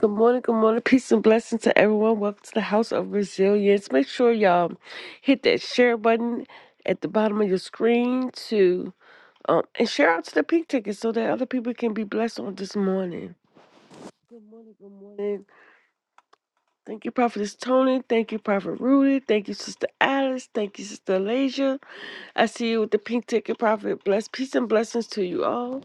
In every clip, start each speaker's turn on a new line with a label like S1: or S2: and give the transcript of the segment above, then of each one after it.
S1: Good morning, good morning. Peace and blessings to everyone. Welcome to the House of Resilience. Make sure y'all hit that share button at the bottom of your screen to um, and share out to the pink ticket so that other people can be blessed on this morning. Good morning, good morning. Thank you, Prophetess Tony. Thank you, Prophet Rudy. Thank you, Sister Alice. Thank you, Sister Alasia. I see you with the pink ticket, Prophet. Bless peace and blessings to you all.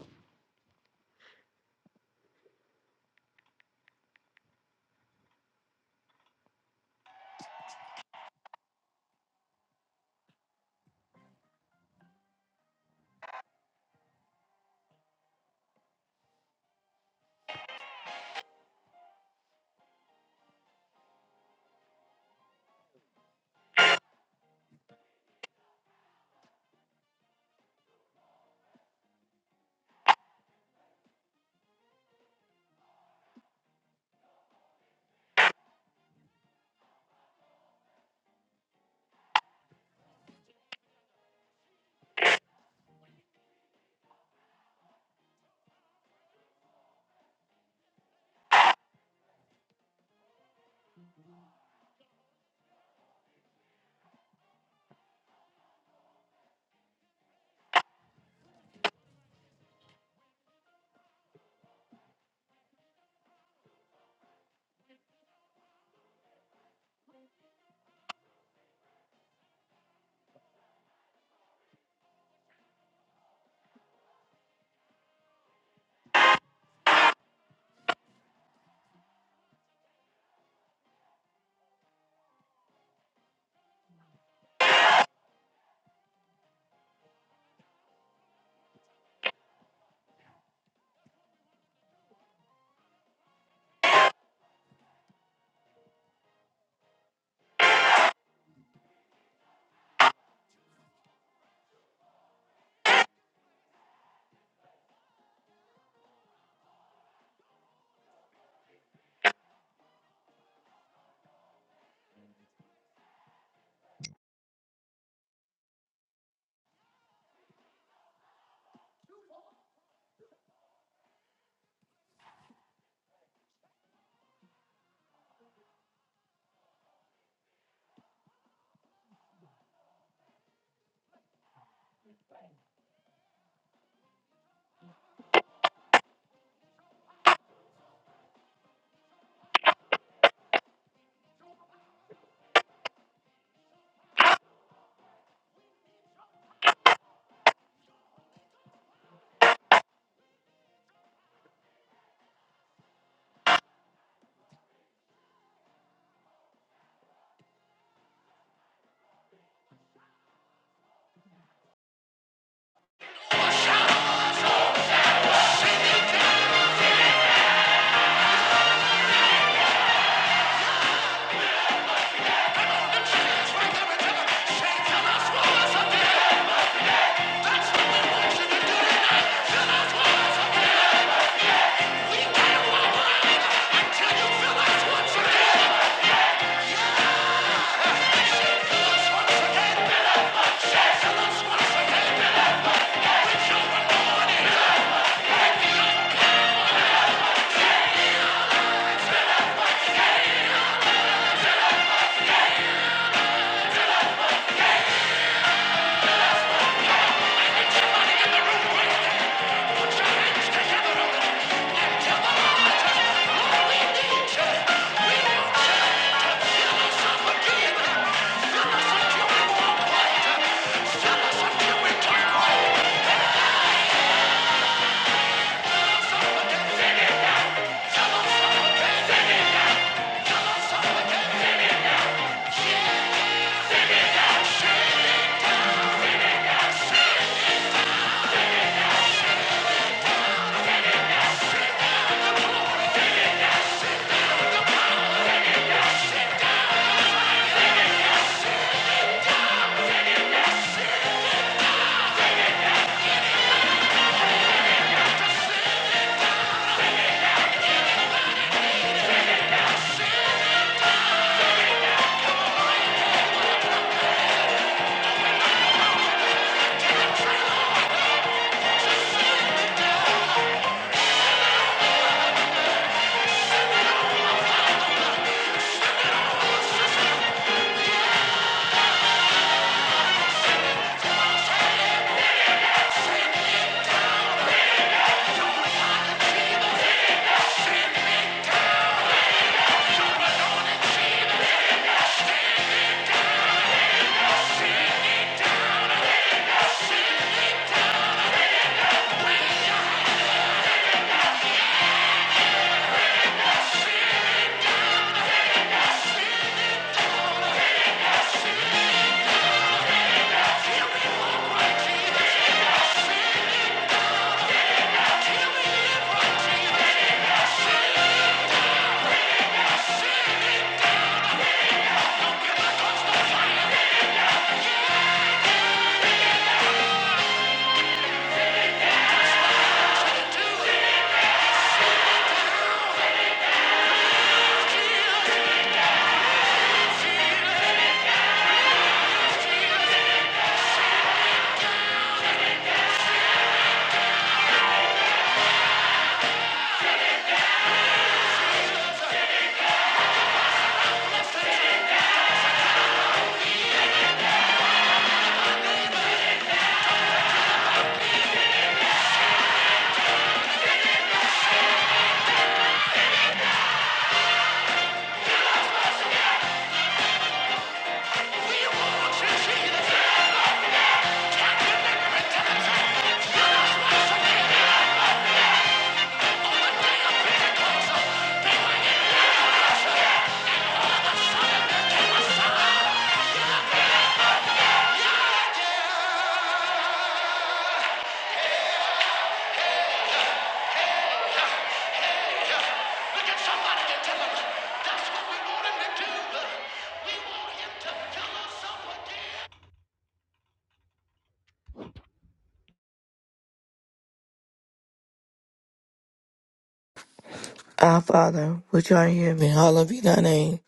S2: Our Father, which art in heaven, hallowed be thy name.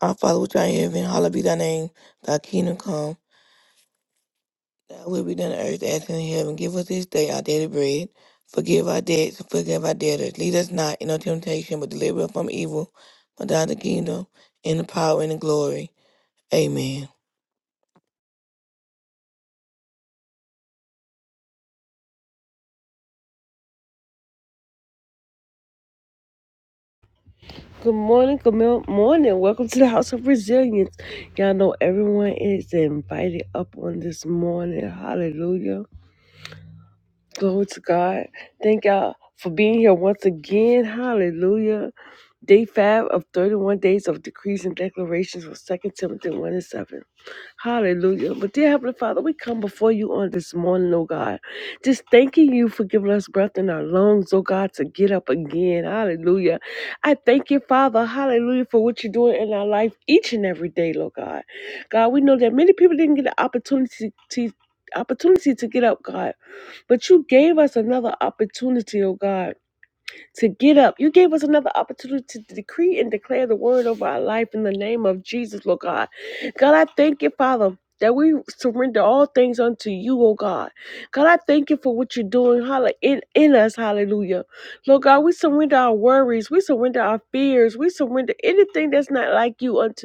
S2: Our Father, which art in heaven, hallowed be thy name. Thy kingdom come, thy will be done on earth as in heaven. Give us this day our daily bread. Forgive our debts and forgive our debtors. Lead us not into temptation, but deliver us from evil. For thine is the kingdom, and the power, and the glory. Amen.
S1: Good morning, good mil- morning. Welcome to the House of Resilience. Y'all know everyone is invited up on this morning. Hallelujah. Glory to God. Thank y'all for being here once again. Hallelujah. Day five of 31 days of decrees and declarations from Second Timothy 1 and 7. Hallelujah. But dear Heavenly Father, we come before you on this morning, oh God. Just thanking you for giving us breath in our lungs, oh God, to get up again. Hallelujah. I thank you, Father, hallelujah, for what you're doing in our life each and every day, Lord God. God, we know that many people didn't get the opportunity to opportunity to get up, God. But you gave us another opportunity, oh God, to get up. You gave us another opportunity to decree and declare the word over our life in the name of Jesus, Lord God. God, I thank you, Father. That we surrender all things unto you, oh God. God, I thank you for what you're doing holla- in, in us, hallelujah. Lord God, we surrender our worries, we surrender our fears, we surrender anything that's not like you unto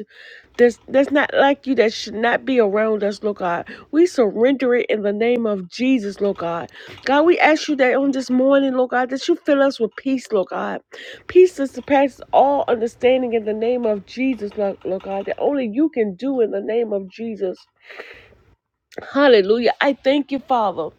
S1: that's that's not like you that should not be around us, Lord God. We surrender it in the name of Jesus, Lord God. God, we ask you that on this morning, Lord God, that you fill us with peace, Lord God. Peace that surpasses all understanding in the name of Jesus, Lord, Lord God, that only you can do in the name of Jesus. Hallelujah. I thank you, Father.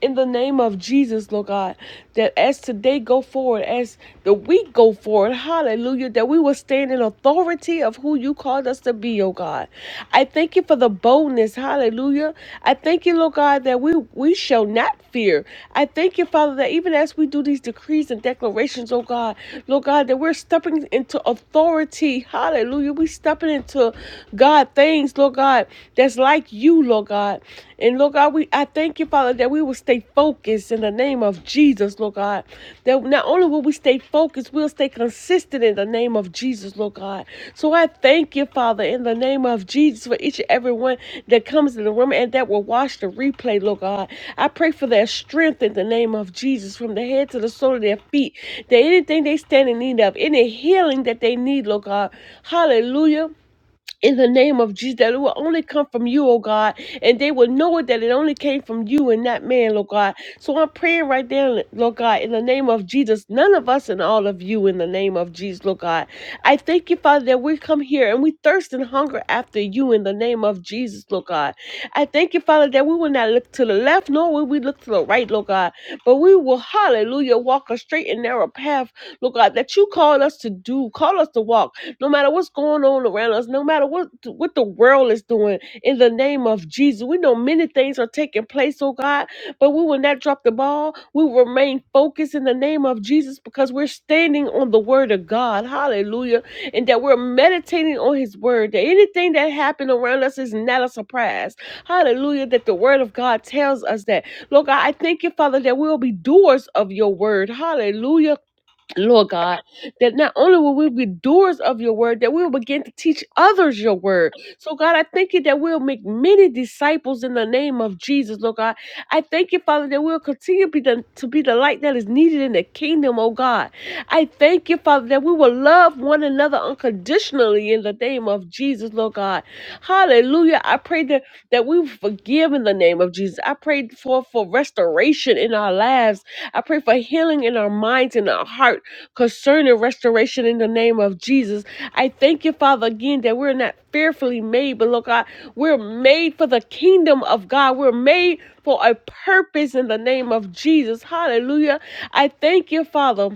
S1: In the name of Jesus, Lord God, that as today go forward, as the week go forward, hallelujah, that we will stand in authority of who you called us to be, oh God. I thank you for the boldness, hallelujah. I thank you, Lord God, that we, we shall not fear. I thank you, Father, that even as we do these decrees and declarations, oh God, Lord God, that we're stepping into authority, hallelujah. We stepping into God things, Lord God, that's like you you, Lord God. And Lord God, we I thank you, Father, that we will stay focused in the name of Jesus, Lord God. That not only will we stay focused, we'll stay consistent in the name of Jesus, Lord God. So I thank you, Father, in the name of Jesus, for each and every one that comes in the room and that will watch the replay, Lord God. I pray for their strength in the name of Jesus, from the head to the sole of their feet. That anything they stand in need of, any healing that they need, Lord God. Hallelujah in the name of Jesus, that it will only come from you, oh God, and they will know it that it only came from you and not man, Lord God. So I'm praying right now, Lord God, in the name of Jesus, none of us and all of you, in the name of Jesus, Lord God. I thank you, Father, that we come here and we thirst and hunger after you in the name of Jesus, Lord God. I thank you, Father, that we will not look to the left, nor will we look to the right, Lord God, but we will, hallelujah, walk a straight and narrow path Lord God, that you call us to do, call us to walk, no matter what's going on around us, no matter what what the world is doing. In the name of Jesus, we know many things are taking place, oh God, but we will not drop the ball. We will remain focused in the name of Jesus because we're standing on the Word of God. Hallelujah, and that we're meditating on His Word. That anything that happened around us is not a surprise. Hallelujah, that the Word of God tells us that. Lord God, I thank you, Father, that we'll be doers of Your Word. Hallelujah Lord God, that not only will we be doers of your word, that we will begin to teach others your word. So, God, I thank you that we'll make many disciples in the name of Jesus, Lord God. I thank you, Father, that we'll continue be the, to be the light that is needed in the kingdom, oh God. I thank you, Father, that we will love one another unconditionally in the name of Jesus, Lord God. Hallelujah. I pray that, that we forgive in the name of Jesus. I pray for, for restoration in our lives. I pray for healing in our minds and our heart concerning restoration in the name of Jesus. I thank you, Father, again, that we're not fearfully made, but Lord God, we're made for the kingdom of God. We're made for a purpose in the name of Jesus. Hallelujah. I thank you, Father.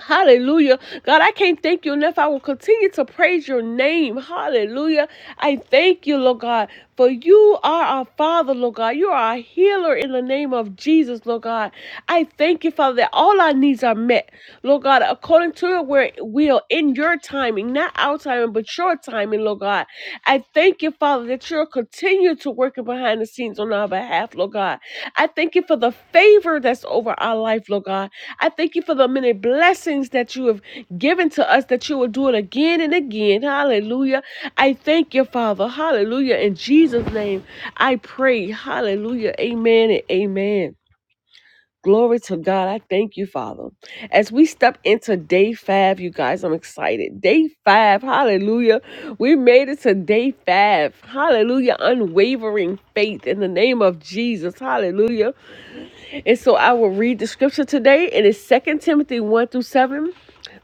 S1: Hallelujah. God, I can't thank you enough. I will continue to praise your name. Hallelujah. I thank you, Lord God, for you are our Father, Lord God. You are a healer in the name of Jesus, Lord God. I thank you, Father, that all our needs are met, Lord God, according to your wor- will in your timing, not our timing, but your timing, Lord God. I thank you, Father, that you will continue to working behind the scenes on our behalf, Lord God. I thank you for the favor that's over our life, Lord God. I thank you for the many blessings that you have given to us, that you will do it again and again. Hallelujah. I thank you, Father. Hallelujah. In Jesus' name, I pray. Hallelujah. Amen and amen. Glory to God. I thank you, Father. As we step into day five, you guys, I'm excited. Day five, hallelujah. We made it to day five. Hallelujah. Unwavering faith in the name of Jesus. Hallelujah. And so I will read the scripture today. It is Second Timothy 1 through 7.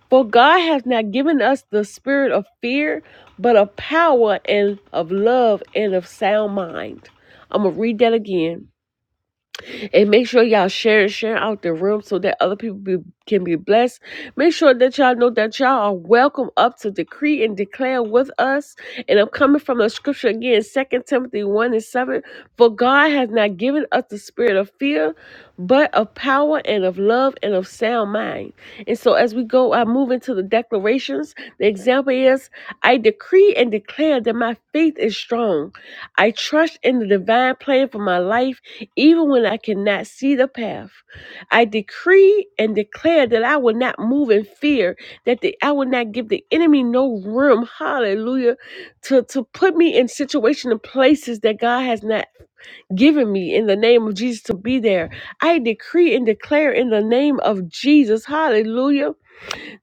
S1: For God has not given us the spirit of fear, but of power and of love and of sound mind. I'm going to read that again. And make sure y'all share and share out the room so that other people be, can be blessed. Make sure that y'all know that y'all are welcome up to decree and declare with us. And I'm coming from the scripture again, Second Timothy 1 and 7. For God has not given us the spirit of fear, but of power and of love and of sound mind. And so as we go, I move into the declarations. The example is I decree and declare that my faith is strong. I trust in the divine plan for my life even when I cannot see the path, I decree and declare that I will not move in fear, that the, I will not give the enemy no room, hallelujah, to, to put me in situations and places that God has not given me in the name of Jesus to be there. I decree and declare in the name of Jesus, hallelujah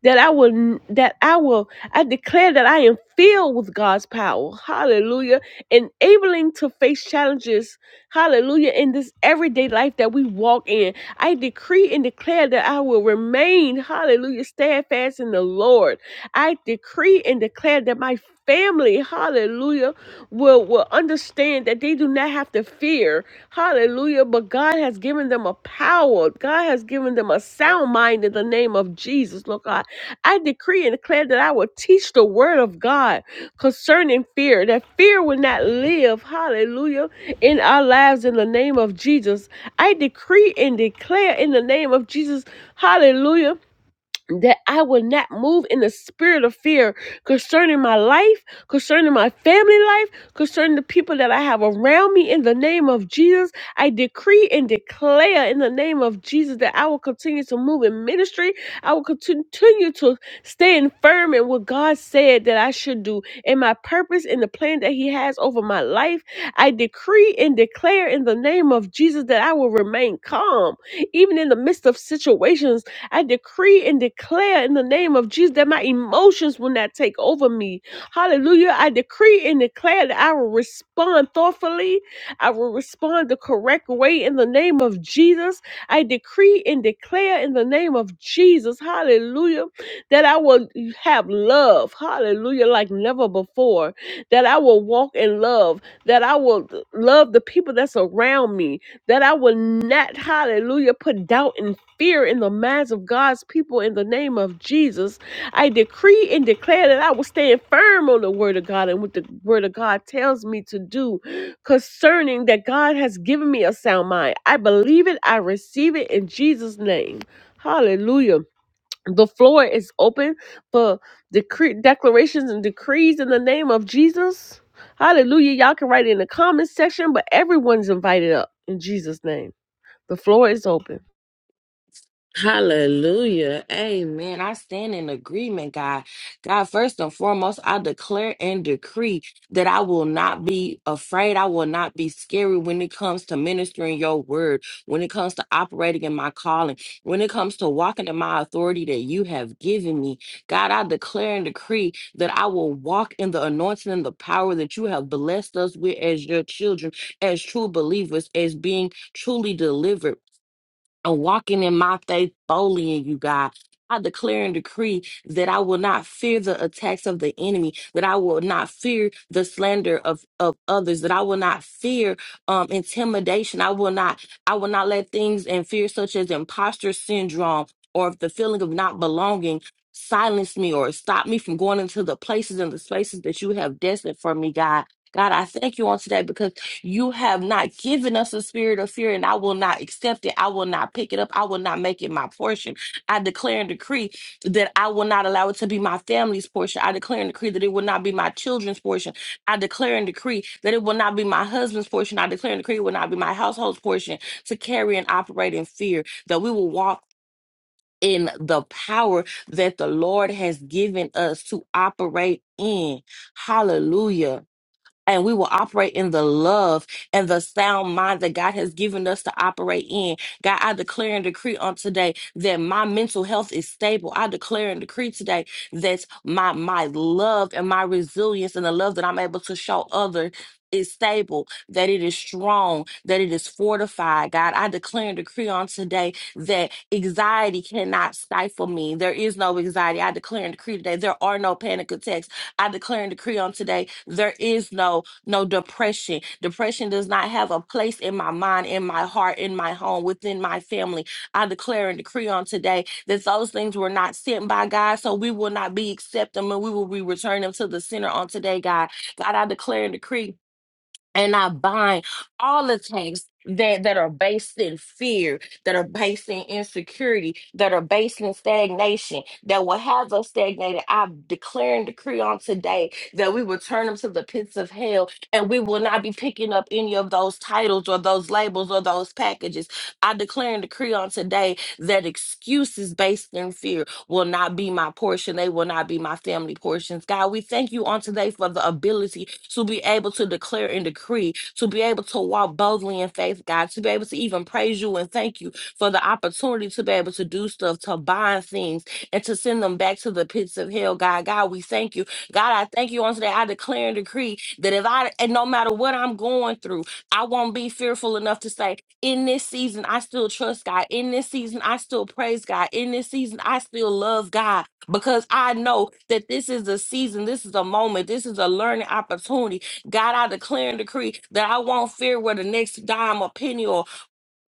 S1: that I will that I will I declare that I am filled with God's power. Hallelujah. Enabling to face challenges. Hallelujah. In this everyday life that we walk in. I decree and declare that I will remain, hallelujah, steadfast in the Lord. I decree and declare that my family, hallelujah, will, will understand that they do not have to fear. Hallelujah. But God has given them a power. God has given them a sound mind in the name of Jesus. Lord God. I decree and declare that I will teach the word of God concerning fear, that fear will not live, hallelujah, in our lives in the name of Jesus. I decree and declare in the name of Jesus, hallelujah that I will not move in the spirit of fear concerning my life, concerning my family life, concerning the people that I have around me in the name of Jesus. I decree and declare in the name of Jesus that I will continue to move in ministry. I will continue to stand firm in what God said that I should do and my purpose and the plan that He has over my life. I decree and declare in the name of Jesus that I will remain calm, even in the midst of situations I decree and declare in the name of Jesus that my emotions will not take over me. Hallelujah. I decree and declare that I will respond thoughtfully. I will respond the correct way in the name of Jesus. I decree and declare in the name of Jesus. Hallelujah. That I will have love. Hallelujah. Like never before. That I will walk in love. That I will love the people that's around me. That I will not, hallelujah, put doubt in fear in the minds of God's people in the name of Jesus. I decree and declare that I will stand firm on the word of God and what the word of God tells me to do concerning that God has given me a sound mind. I believe it, I receive it in Jesus' name. Hallelujah. The floor is open for decree declarations and decrees in the name of Jesus. Hallelujah. Y'all can write it in the comment section, but everyone's invited up in Jesus' name. The floor is open.
S3: Hallelujah. Amen. I stand in agreement, God. God, first and foremost, I declare and decree that I will not be afraid. I will not be scary when it comes to ministering your word, when it comes to operating in my calling, when it comes to walking in my authority that you have given me. God, I declare and decree that I will walk in the anointing and the power that you have blessed us with as your children, as true believers, as being truly delivered and walking in my faith boldly in you, God. I declare and decree that I will not fear the attacks of the enemy, that I will not fear the slander of, of others, that I will not fear um, intimidation. I will not, I will not let things and fear such as imposter syndrome or the feeling of not belonging silence me or stop me from going into the places and the spaces that you have destined for me, God. God, I thank you on today you have not given us a spirit of fear, and I will not accept it. I will not pick it up. I will not make it my portion. I declare and decree that I will not allow it to be my family's portion. I declare and decree that it will not be my children's portion. I declare and decree that it will not be my husband's portion. I declare and decree it will not be my household's portion to carry and operate in fear, that we will walk in the power that the Lord has given us to operate in. Hallelujah and we will operate in the love and the sound mind that God has given us to operate in. God, I declare and decree on today that my mental health is stable. I declare and decree today that my my love and my resilience and the love that I'm able to show others is stable, that it is strong, that it is fortified. God, I declare and decree on today that anxiety cannot stifle me. There is no anxiety. I declare and decree today there are no panic attacks I declare and decree on today, there is no no depression. Depression does not have a place in my mind, in my heart, in my home, within my family. I declare and decree on today that those things were not sent by God, so we will not be accepting them and we will be returning them to the center on today, God. God, I declare and decree and I bind all attacks that, that are based in fear, that are based in insecurity, that are based in stagnation, that will have us stagnated. I declare and decree on today that we will turn them to the pits of hell and we will not be picking up any of those titles or those labels or those packages. I declare and decree on today that excuses based in fear, will not be my portion. They will not be my family portions. God, we thank you on today for the ability to be able to declare and decree, to be able to walk boldly in faith, God, to be able to even praise you and thank you for the opportunity to be able to do stuff, to bind things, and to send them back to the pits of hell, God. God, we thank you. God, I thank you on today. I declare and decree that if I, and no matter what I'm going through, I won't be fearful enough to say, in this season, I still trust God. In this season, I still praise God. In this season, I still love God because I know that this is a season, this is a moment, this is a learning opportunity. God, I declare and decree that I won't fear where the next dime or penny or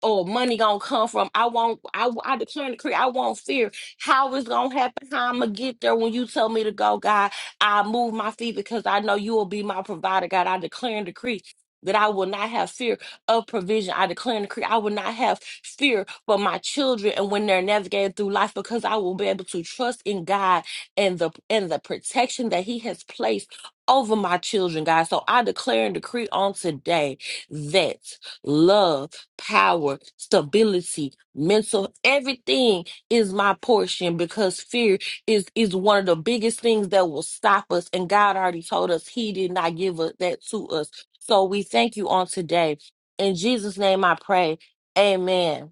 S3: or money gonna come from. I won't. I I declare and decree. I won't fear how it's gonna happen. How I'm gonna get there when you tell me to go, God. I move my feet because I know you will be my provider, God. I declare and decree. That I will not have fear of provision. I declare and decree I will not have fear for my children and when they're navigating through life because I will be able to trust in God and the and the protection that He has placed over my children, God. So I declare and decree on today that love power, stability, mental, everything is my portion because fear is is one of the biggest things that will stop us and God already told us he did not give us that to us. So we thank you on today. In Jesus name I pray. Amen.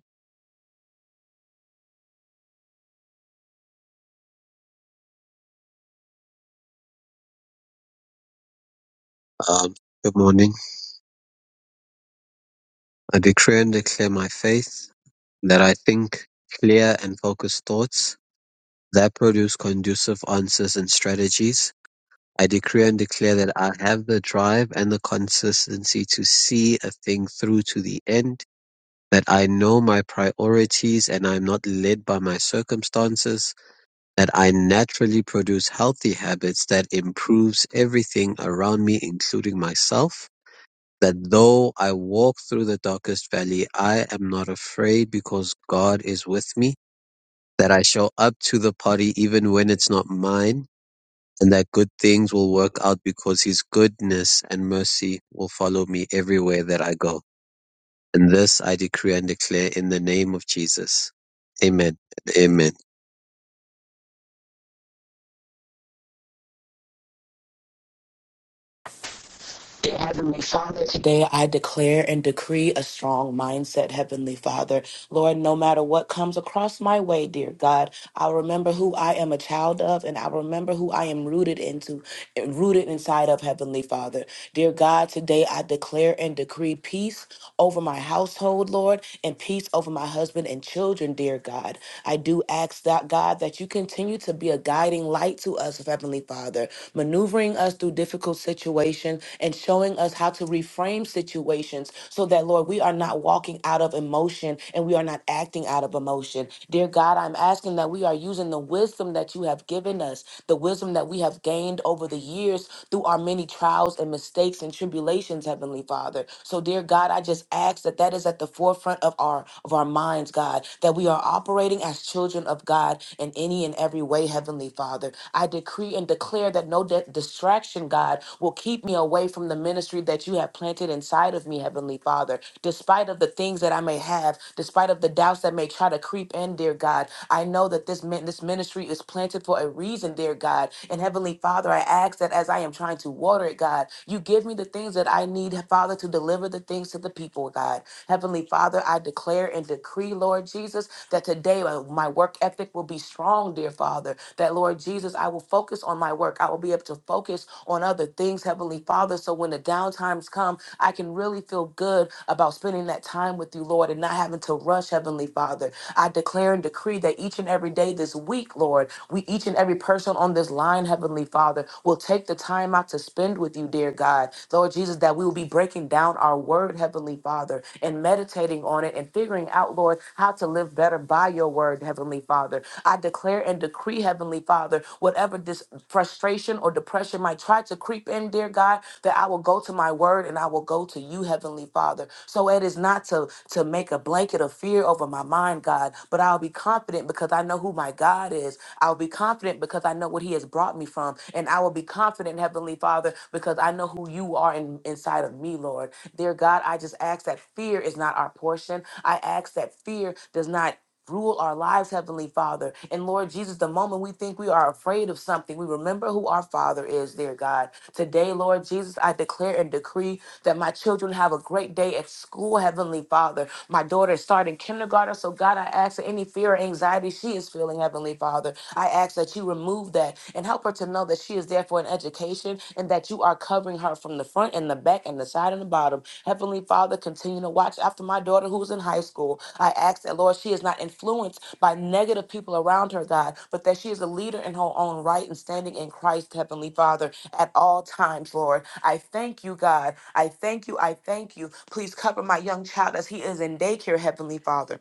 S4: Um, good morning. I decree and declare my faith that I think clear and focused thoughts that produce conducive answers and strategies. I decree and declare that I have the drive and the consistency to see a thing through to the end, that I know my priorities and I'm not led by my circumstances, that I naturally produce healthy habits that improves everything around me, including myself that though I walk through the darkest valley, I am not afraid because God is with me, that I show up to the party even when it's not mine, and that good things will work out because his goodness and mercy will follow me everywhere that I go. And this I decree and declare in the name of Jesus. Amen. Amen.
S5: Dear Heavenly Father, today I declare and decree a strong mindset, Heavenly Father. Lord, no matter what comes across my way, dear God, I'll remember who I am a child of and I'll remember who I am rooted into rooted inside of Heavenly Father. Dear God, today I declare and decree peace over my household, Lord, and peace over my husband and children, dear God. I do ask that, God, that you continue to be a guiding light to us, Heavenly Father, maneuvering us through difficult situations and showing us how to reframe situations so that, Lord, we are not walking out of emotion and we are not acting out of emotion. Dear God, I'm asking that we are using the wisdom that you have given us, the wisdom that we have gained over the years through our many trials and mistakes and tribulations, Heavenly Father. So, dear God, I just ask that that is at the forefront of our of our minds, God, that we are operating as children of God in any and every way, Heavenly Father. I decree and declare that no di- distraction, God, will keep me away from the ministry that you have planted inside of me, Heavenly Father. Despite of the things that I may have, despite of the doubts that may try to creep in, dear God, I know that this min- this ministry is planted for a reason, dear God. And Heavenly Father, I ask that as I am trying to water it, God, you give me the things that I need, Father, to deliver the things to the people, God. Heavenly Father, I declare and decree, Lord Jesus, that today uh, my work ethic will be strong, dear Father. That, Lord Jesus, I will focus on my work. I will be able to focus on other things, Heavenly Father. So when the downtimes come, I can really feel good about spending that time with you, Lord, and not having to rush, Heavenly Father. I declare and decree that each and every day this week, Lord, we each and every person on this line, Heavenly Father, will take the time out to spend with you, dear God. Lord Jesus, that we will be breaking down our word, Heavenly Father, and meditating on it and figuring out out, Lord, how to live better by your word, Heavenly Father. I declare and decree, Heavenly Father, whatever this frustration or depression might try to creep in, dear God, that I will go to my word and I will go to you, Heavenly Father. So it is not to, to make a blanket of fear over my mind, God, but I'll be confident because I know who my God is. I'll be confident because I know what He has brought me from. And I will be confident, Heavenly Father, because I know who you are in, inside of me, Lord. Dear God, I just ask that fear is not our portion. I ask that fear does not rule our lives, Heavenly Father. And Lord Jesus, the moment we think we are afraid of something, we remember who our Father is, dear God. Today, Lord Jesus, I declare and decree that my children have a great day at school, Heavenly Father. My daughter is starting kindergarten, so God, I ask that any fear or anxiety she is feeling, Heavenly Father, I ask that you remove that and help her to know that she is there for an education and that you are covering her from the front and the back and the side and the bottom. Heavenly Father, continue to watch after my daughter who's in high school. I ask that, Lord, she is not influenced by negative people around her, God, but that she is a leader in her own right and standing in Christ, Heavenly Father at all times, Lord. I thank you, God. I thank you. I thank you. Please cover my young child as he is in daycare, Heavenly Father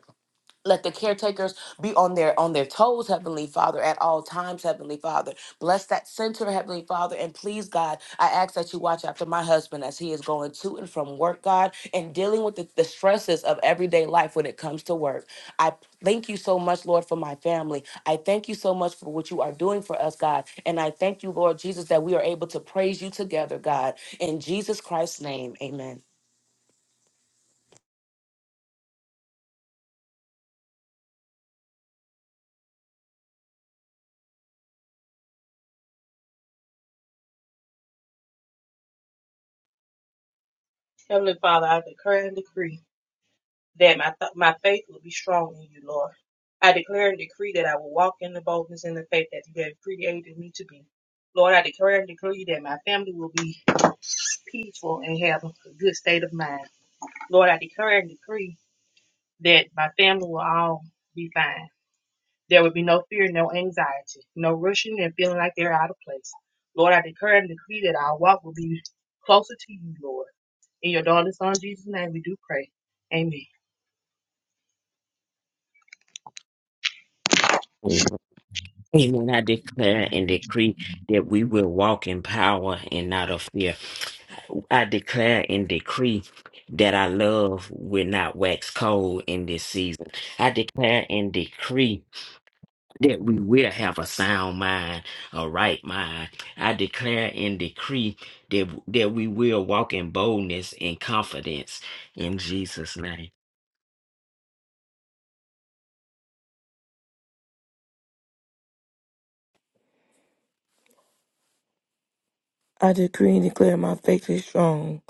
S5: let the caretakers be on their on their toes, Heavenly Father, at all times, Heavenly Father. Bless that center, Heavenly Father, and please, God, I ask that you watch after my husband as he is going to and from work, God, and dealing with the, the stresses of everyday life when it comes to work. I thank you so much, Lord, for my family. I thank you so much for what you are doing for us, God, and I thank you, Lord Jesus, that we are able to praise you together, God. In Jesus Christ's name, Amen.
S6: Heavenly Father, I declare and decree that my th- my faith will be strong in you, Lord. I declare and decree that I will walk in the boldness and the faith that you have created me to be. Lord, I declare and decree that my family will be peaceful and have a good state of mind. Lord, I declare and decree that my family will all be fine. There would be no fear, no anxiety, no rushing and feeling like they're out of place. Lord, I declare and decree that our walk will be closer to you, Lord. In your daughter's son Jesus' name, we do pray. Amen.
S7: Amen. I declare and decree that we will walk in power and not of fear. I declare and decree that our love will not wax cold in this season. I declare and decree that we will have a sound mind, a right mind. I declare and decree that, that we will walk in boldness and confidence in Jesus' name.
S2: I decree and declare my faith is strong.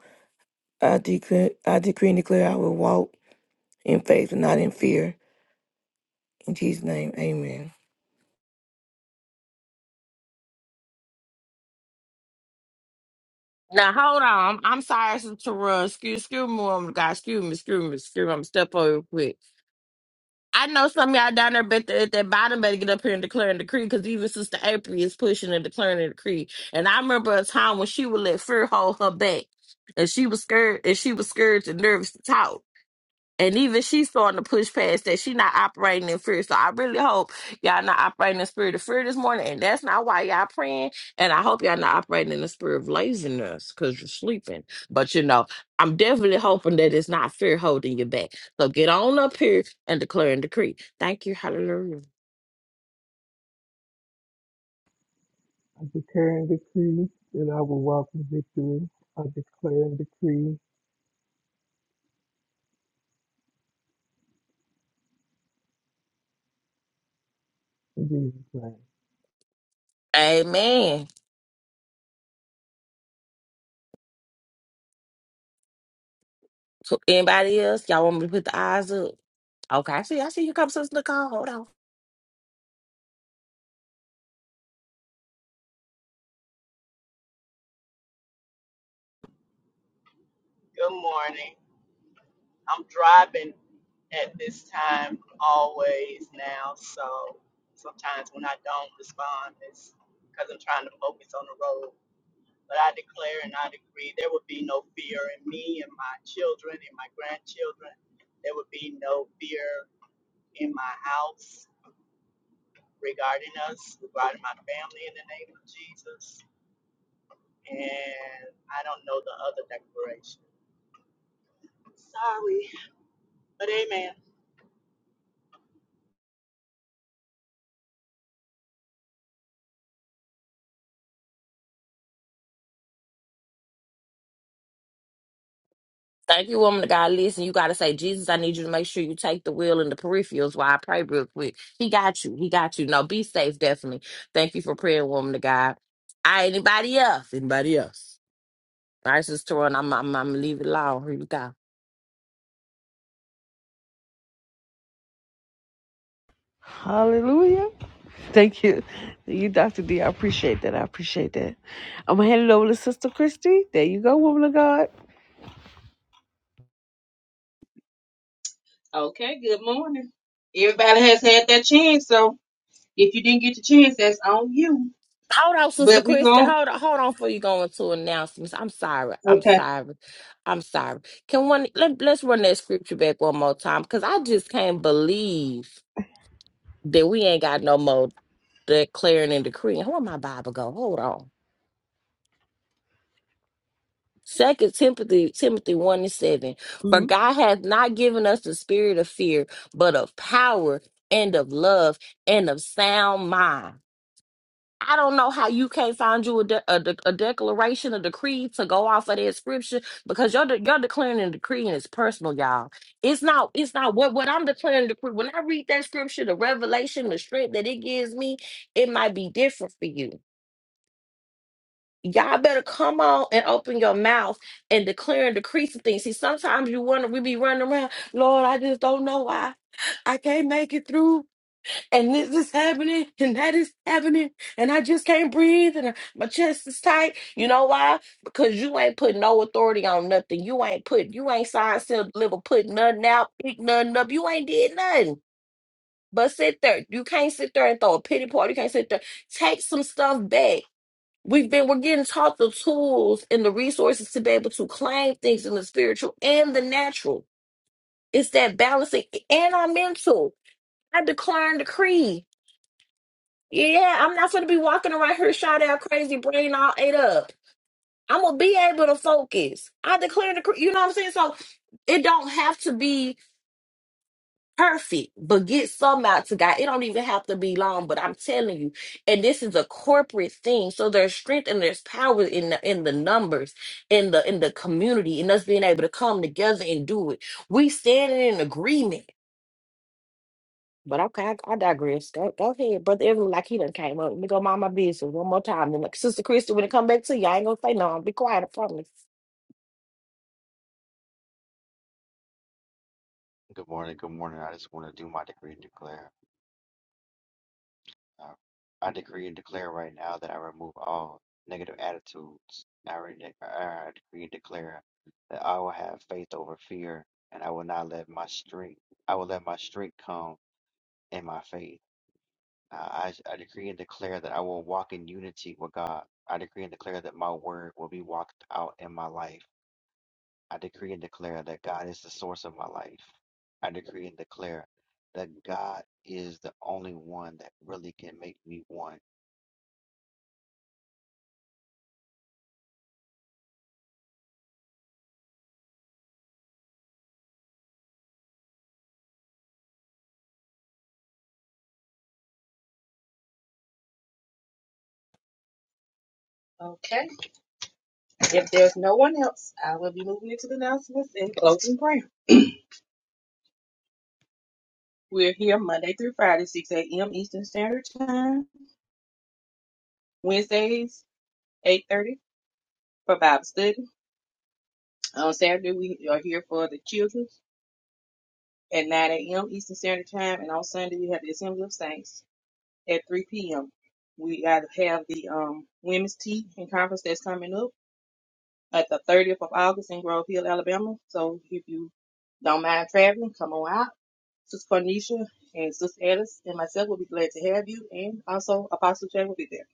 S2: I decree, I decree and declare I will walk in faith and not in fear. In Jesus' name, amen.
S3: Now hold on. I'm sorry to run. Excuse, excuse me, woman. of God, excuse me, excuse me, excuse me. I'm gonna step over real quick. I know some of y'all down there but at that bottom better get up here and declare and decree because even Sister April is pushing and declaring and decree. And I remember a time when she would let fear hold her back. And she was scared and she was scared and nervous to talk and even she's starting to push past that. She not operating in fear. So I really hope y'all not operating in spirit of fear this morning. And that's not why y'all praying. And I hope y'all not operating in the spirit of laziness because you're sleeping. But you know, I'm definitely hoping that it's not fear holding you back. So get on up here and declare and decree. Thank you. Hallelujah.
S8: I declare and decree that I will walk in victory. I declare and decree in Jesus' name.
S3: Amen. So anybody else? Y'all want me to put the eyes up? Okay, I see. I see you come, Sister Nicole. Hold on.
S9: Good morning. I'm driving at this time always now, so sometimes when I don't respond, it's because I'm trying to focus on the road. But I declare and I decree there would be no fear in me and my children and my grandchildren. There would be no fear in my house regarding us, regarding my family in the name of Jesus. And I don't know the other declaration. Sorry, but amen.
S3: Thank you, woman of God. Listen, you got to say, Jesus, I need you to make sure you take the wheel and the peripherals while I pray real quick. He got you. He got you. No, be safe, definitely. Thank you for praying, woman of God. All right, anybody else? Anybody else? All right, Sister Torrin, I'm, I'm, I'm gonna leave it alone. Here you go.
S1: Hallelujah. Thank you. You, Dr. D, I appreciate that. I appreciate that. I'm going to hand it over to Sister Christy. There you go, woman of God.
S6: Okay, good morning. Everybody has had that chance, so if you didn't get the chance, that's on you.
S3: Hold on, Sister
S6: But we
S3: Christian.
S6: go.
S3: Hold on, hold on before you go into announcements. I'm sorry. I'm
S6: Okay.
S3: sorry. I'm sorry. Can one let, let's run that scripture back one more time because I just can't believe. that we ain't got no more declaring and decreeing. Where my Bible go? Hold on. Second Timothy Timothy one and seven. For
S1: Mm-hmm.
S3: God hath not given us the spirit of fear, but of power and of love and of sound mind. I don't know how you can't find you a, de- a, de- a declaration, a decree to go off of that scripture because your de- your declaring and decreeing is personal, y'all. It's not it's not what what I'm declaring and decree. When I read that scripture, the revelation, the strength that it gives me, it might be different for you y'all better come on and open your mouth and declare and decree some things. See, sometimes you wonder, we be running around, Lord, I just don't know why. I can't make it through, and this is happening, and that is happening, and I just can't breathe, and uh, my chest is tight. You know why? Because you ain't put no authority on nothing. You ain't put, you ain't signed, sealed, delivered, put nothing out, pick nothing up. You ain't did nothing. But sit there. You can't sit there and throw a pity party. You can't sit there. Take some stuff back We've been we're getting taught the tools and the resources to be able to claim things in the spiritual and the natural. It's that balancing and our mental. I declare and decree. Yeah, I'm not gonna be walking around here shot out crazy brain all ate up. I'm gonna be able to focus. I declare and decree. You know what I'm saying? So it don't have to be perfect, but get some out to God. It don't even have to be long, but I'm telling you, and this is a corporate thing. So there's strength and there's power in the in the numbers, in the in the community, and us being able to come together and do it. We standing in agreement. But okay, I, I digress. Go, go ahead, brother. Evan, like he done came up. Let me go mind my business one more time. Then, like Sister Christy, when it come back to you, I ain't gonna say no. I'll be quiet. I promise.
S10: Good morning, good morning. I just want to do my decree and declare. Uh, I decree and declare right now that I remove all negative attitudes. I, re- I decree and declare that I will have faith over fear, and I will not let my strength. I will let my strength come in my faith. Uh, I, I decree and declare that I will walk in unity with God. I decree and declare that my word will be walked out in my life. I decree and declare that God is the source of my life. I decree and declare that God is the only one that really can make me one.
S6: Okay. If there's no one else, I will be moving into the announcements and closing prayer. We're here Monday through Friday, 6 a.m. Eastern Standard Time. Wednesdays, 8:30 for Bible study. On Saturday, we are here for the children at 9 a.m. Eastern Standard Time, and on Sunday we have the Assembly of Saints at 3 p.m. We got- have the um, women's tea and conference that's coming up at the 30th of August in Grove Hill, Alabama. So if you don't mind traveling, come on out. Sister Cornisha and Sister Alice and myself will be glad to have you, and also Apostle Jay will be there.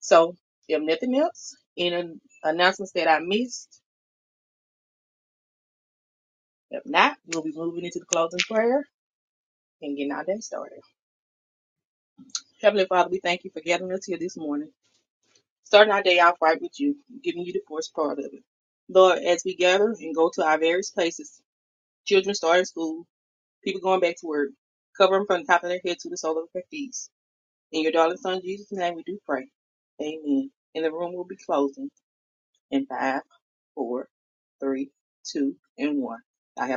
S6: So if nothing else, any announcements that I missed, if not, we'll be moving into the closing prayer and getting our day started. Heavenly Father, we thank you for gathering us here this morning, starting our day off right with you, giving you the first part of it. Lord, as we gather and go to our various places, children starting school, people going back to work, cover them from the top of their head to the sole of their feet. In your darling son Jesus' name we do pray. Amen. And the room will be closing in five, four, three, two, and one. I have.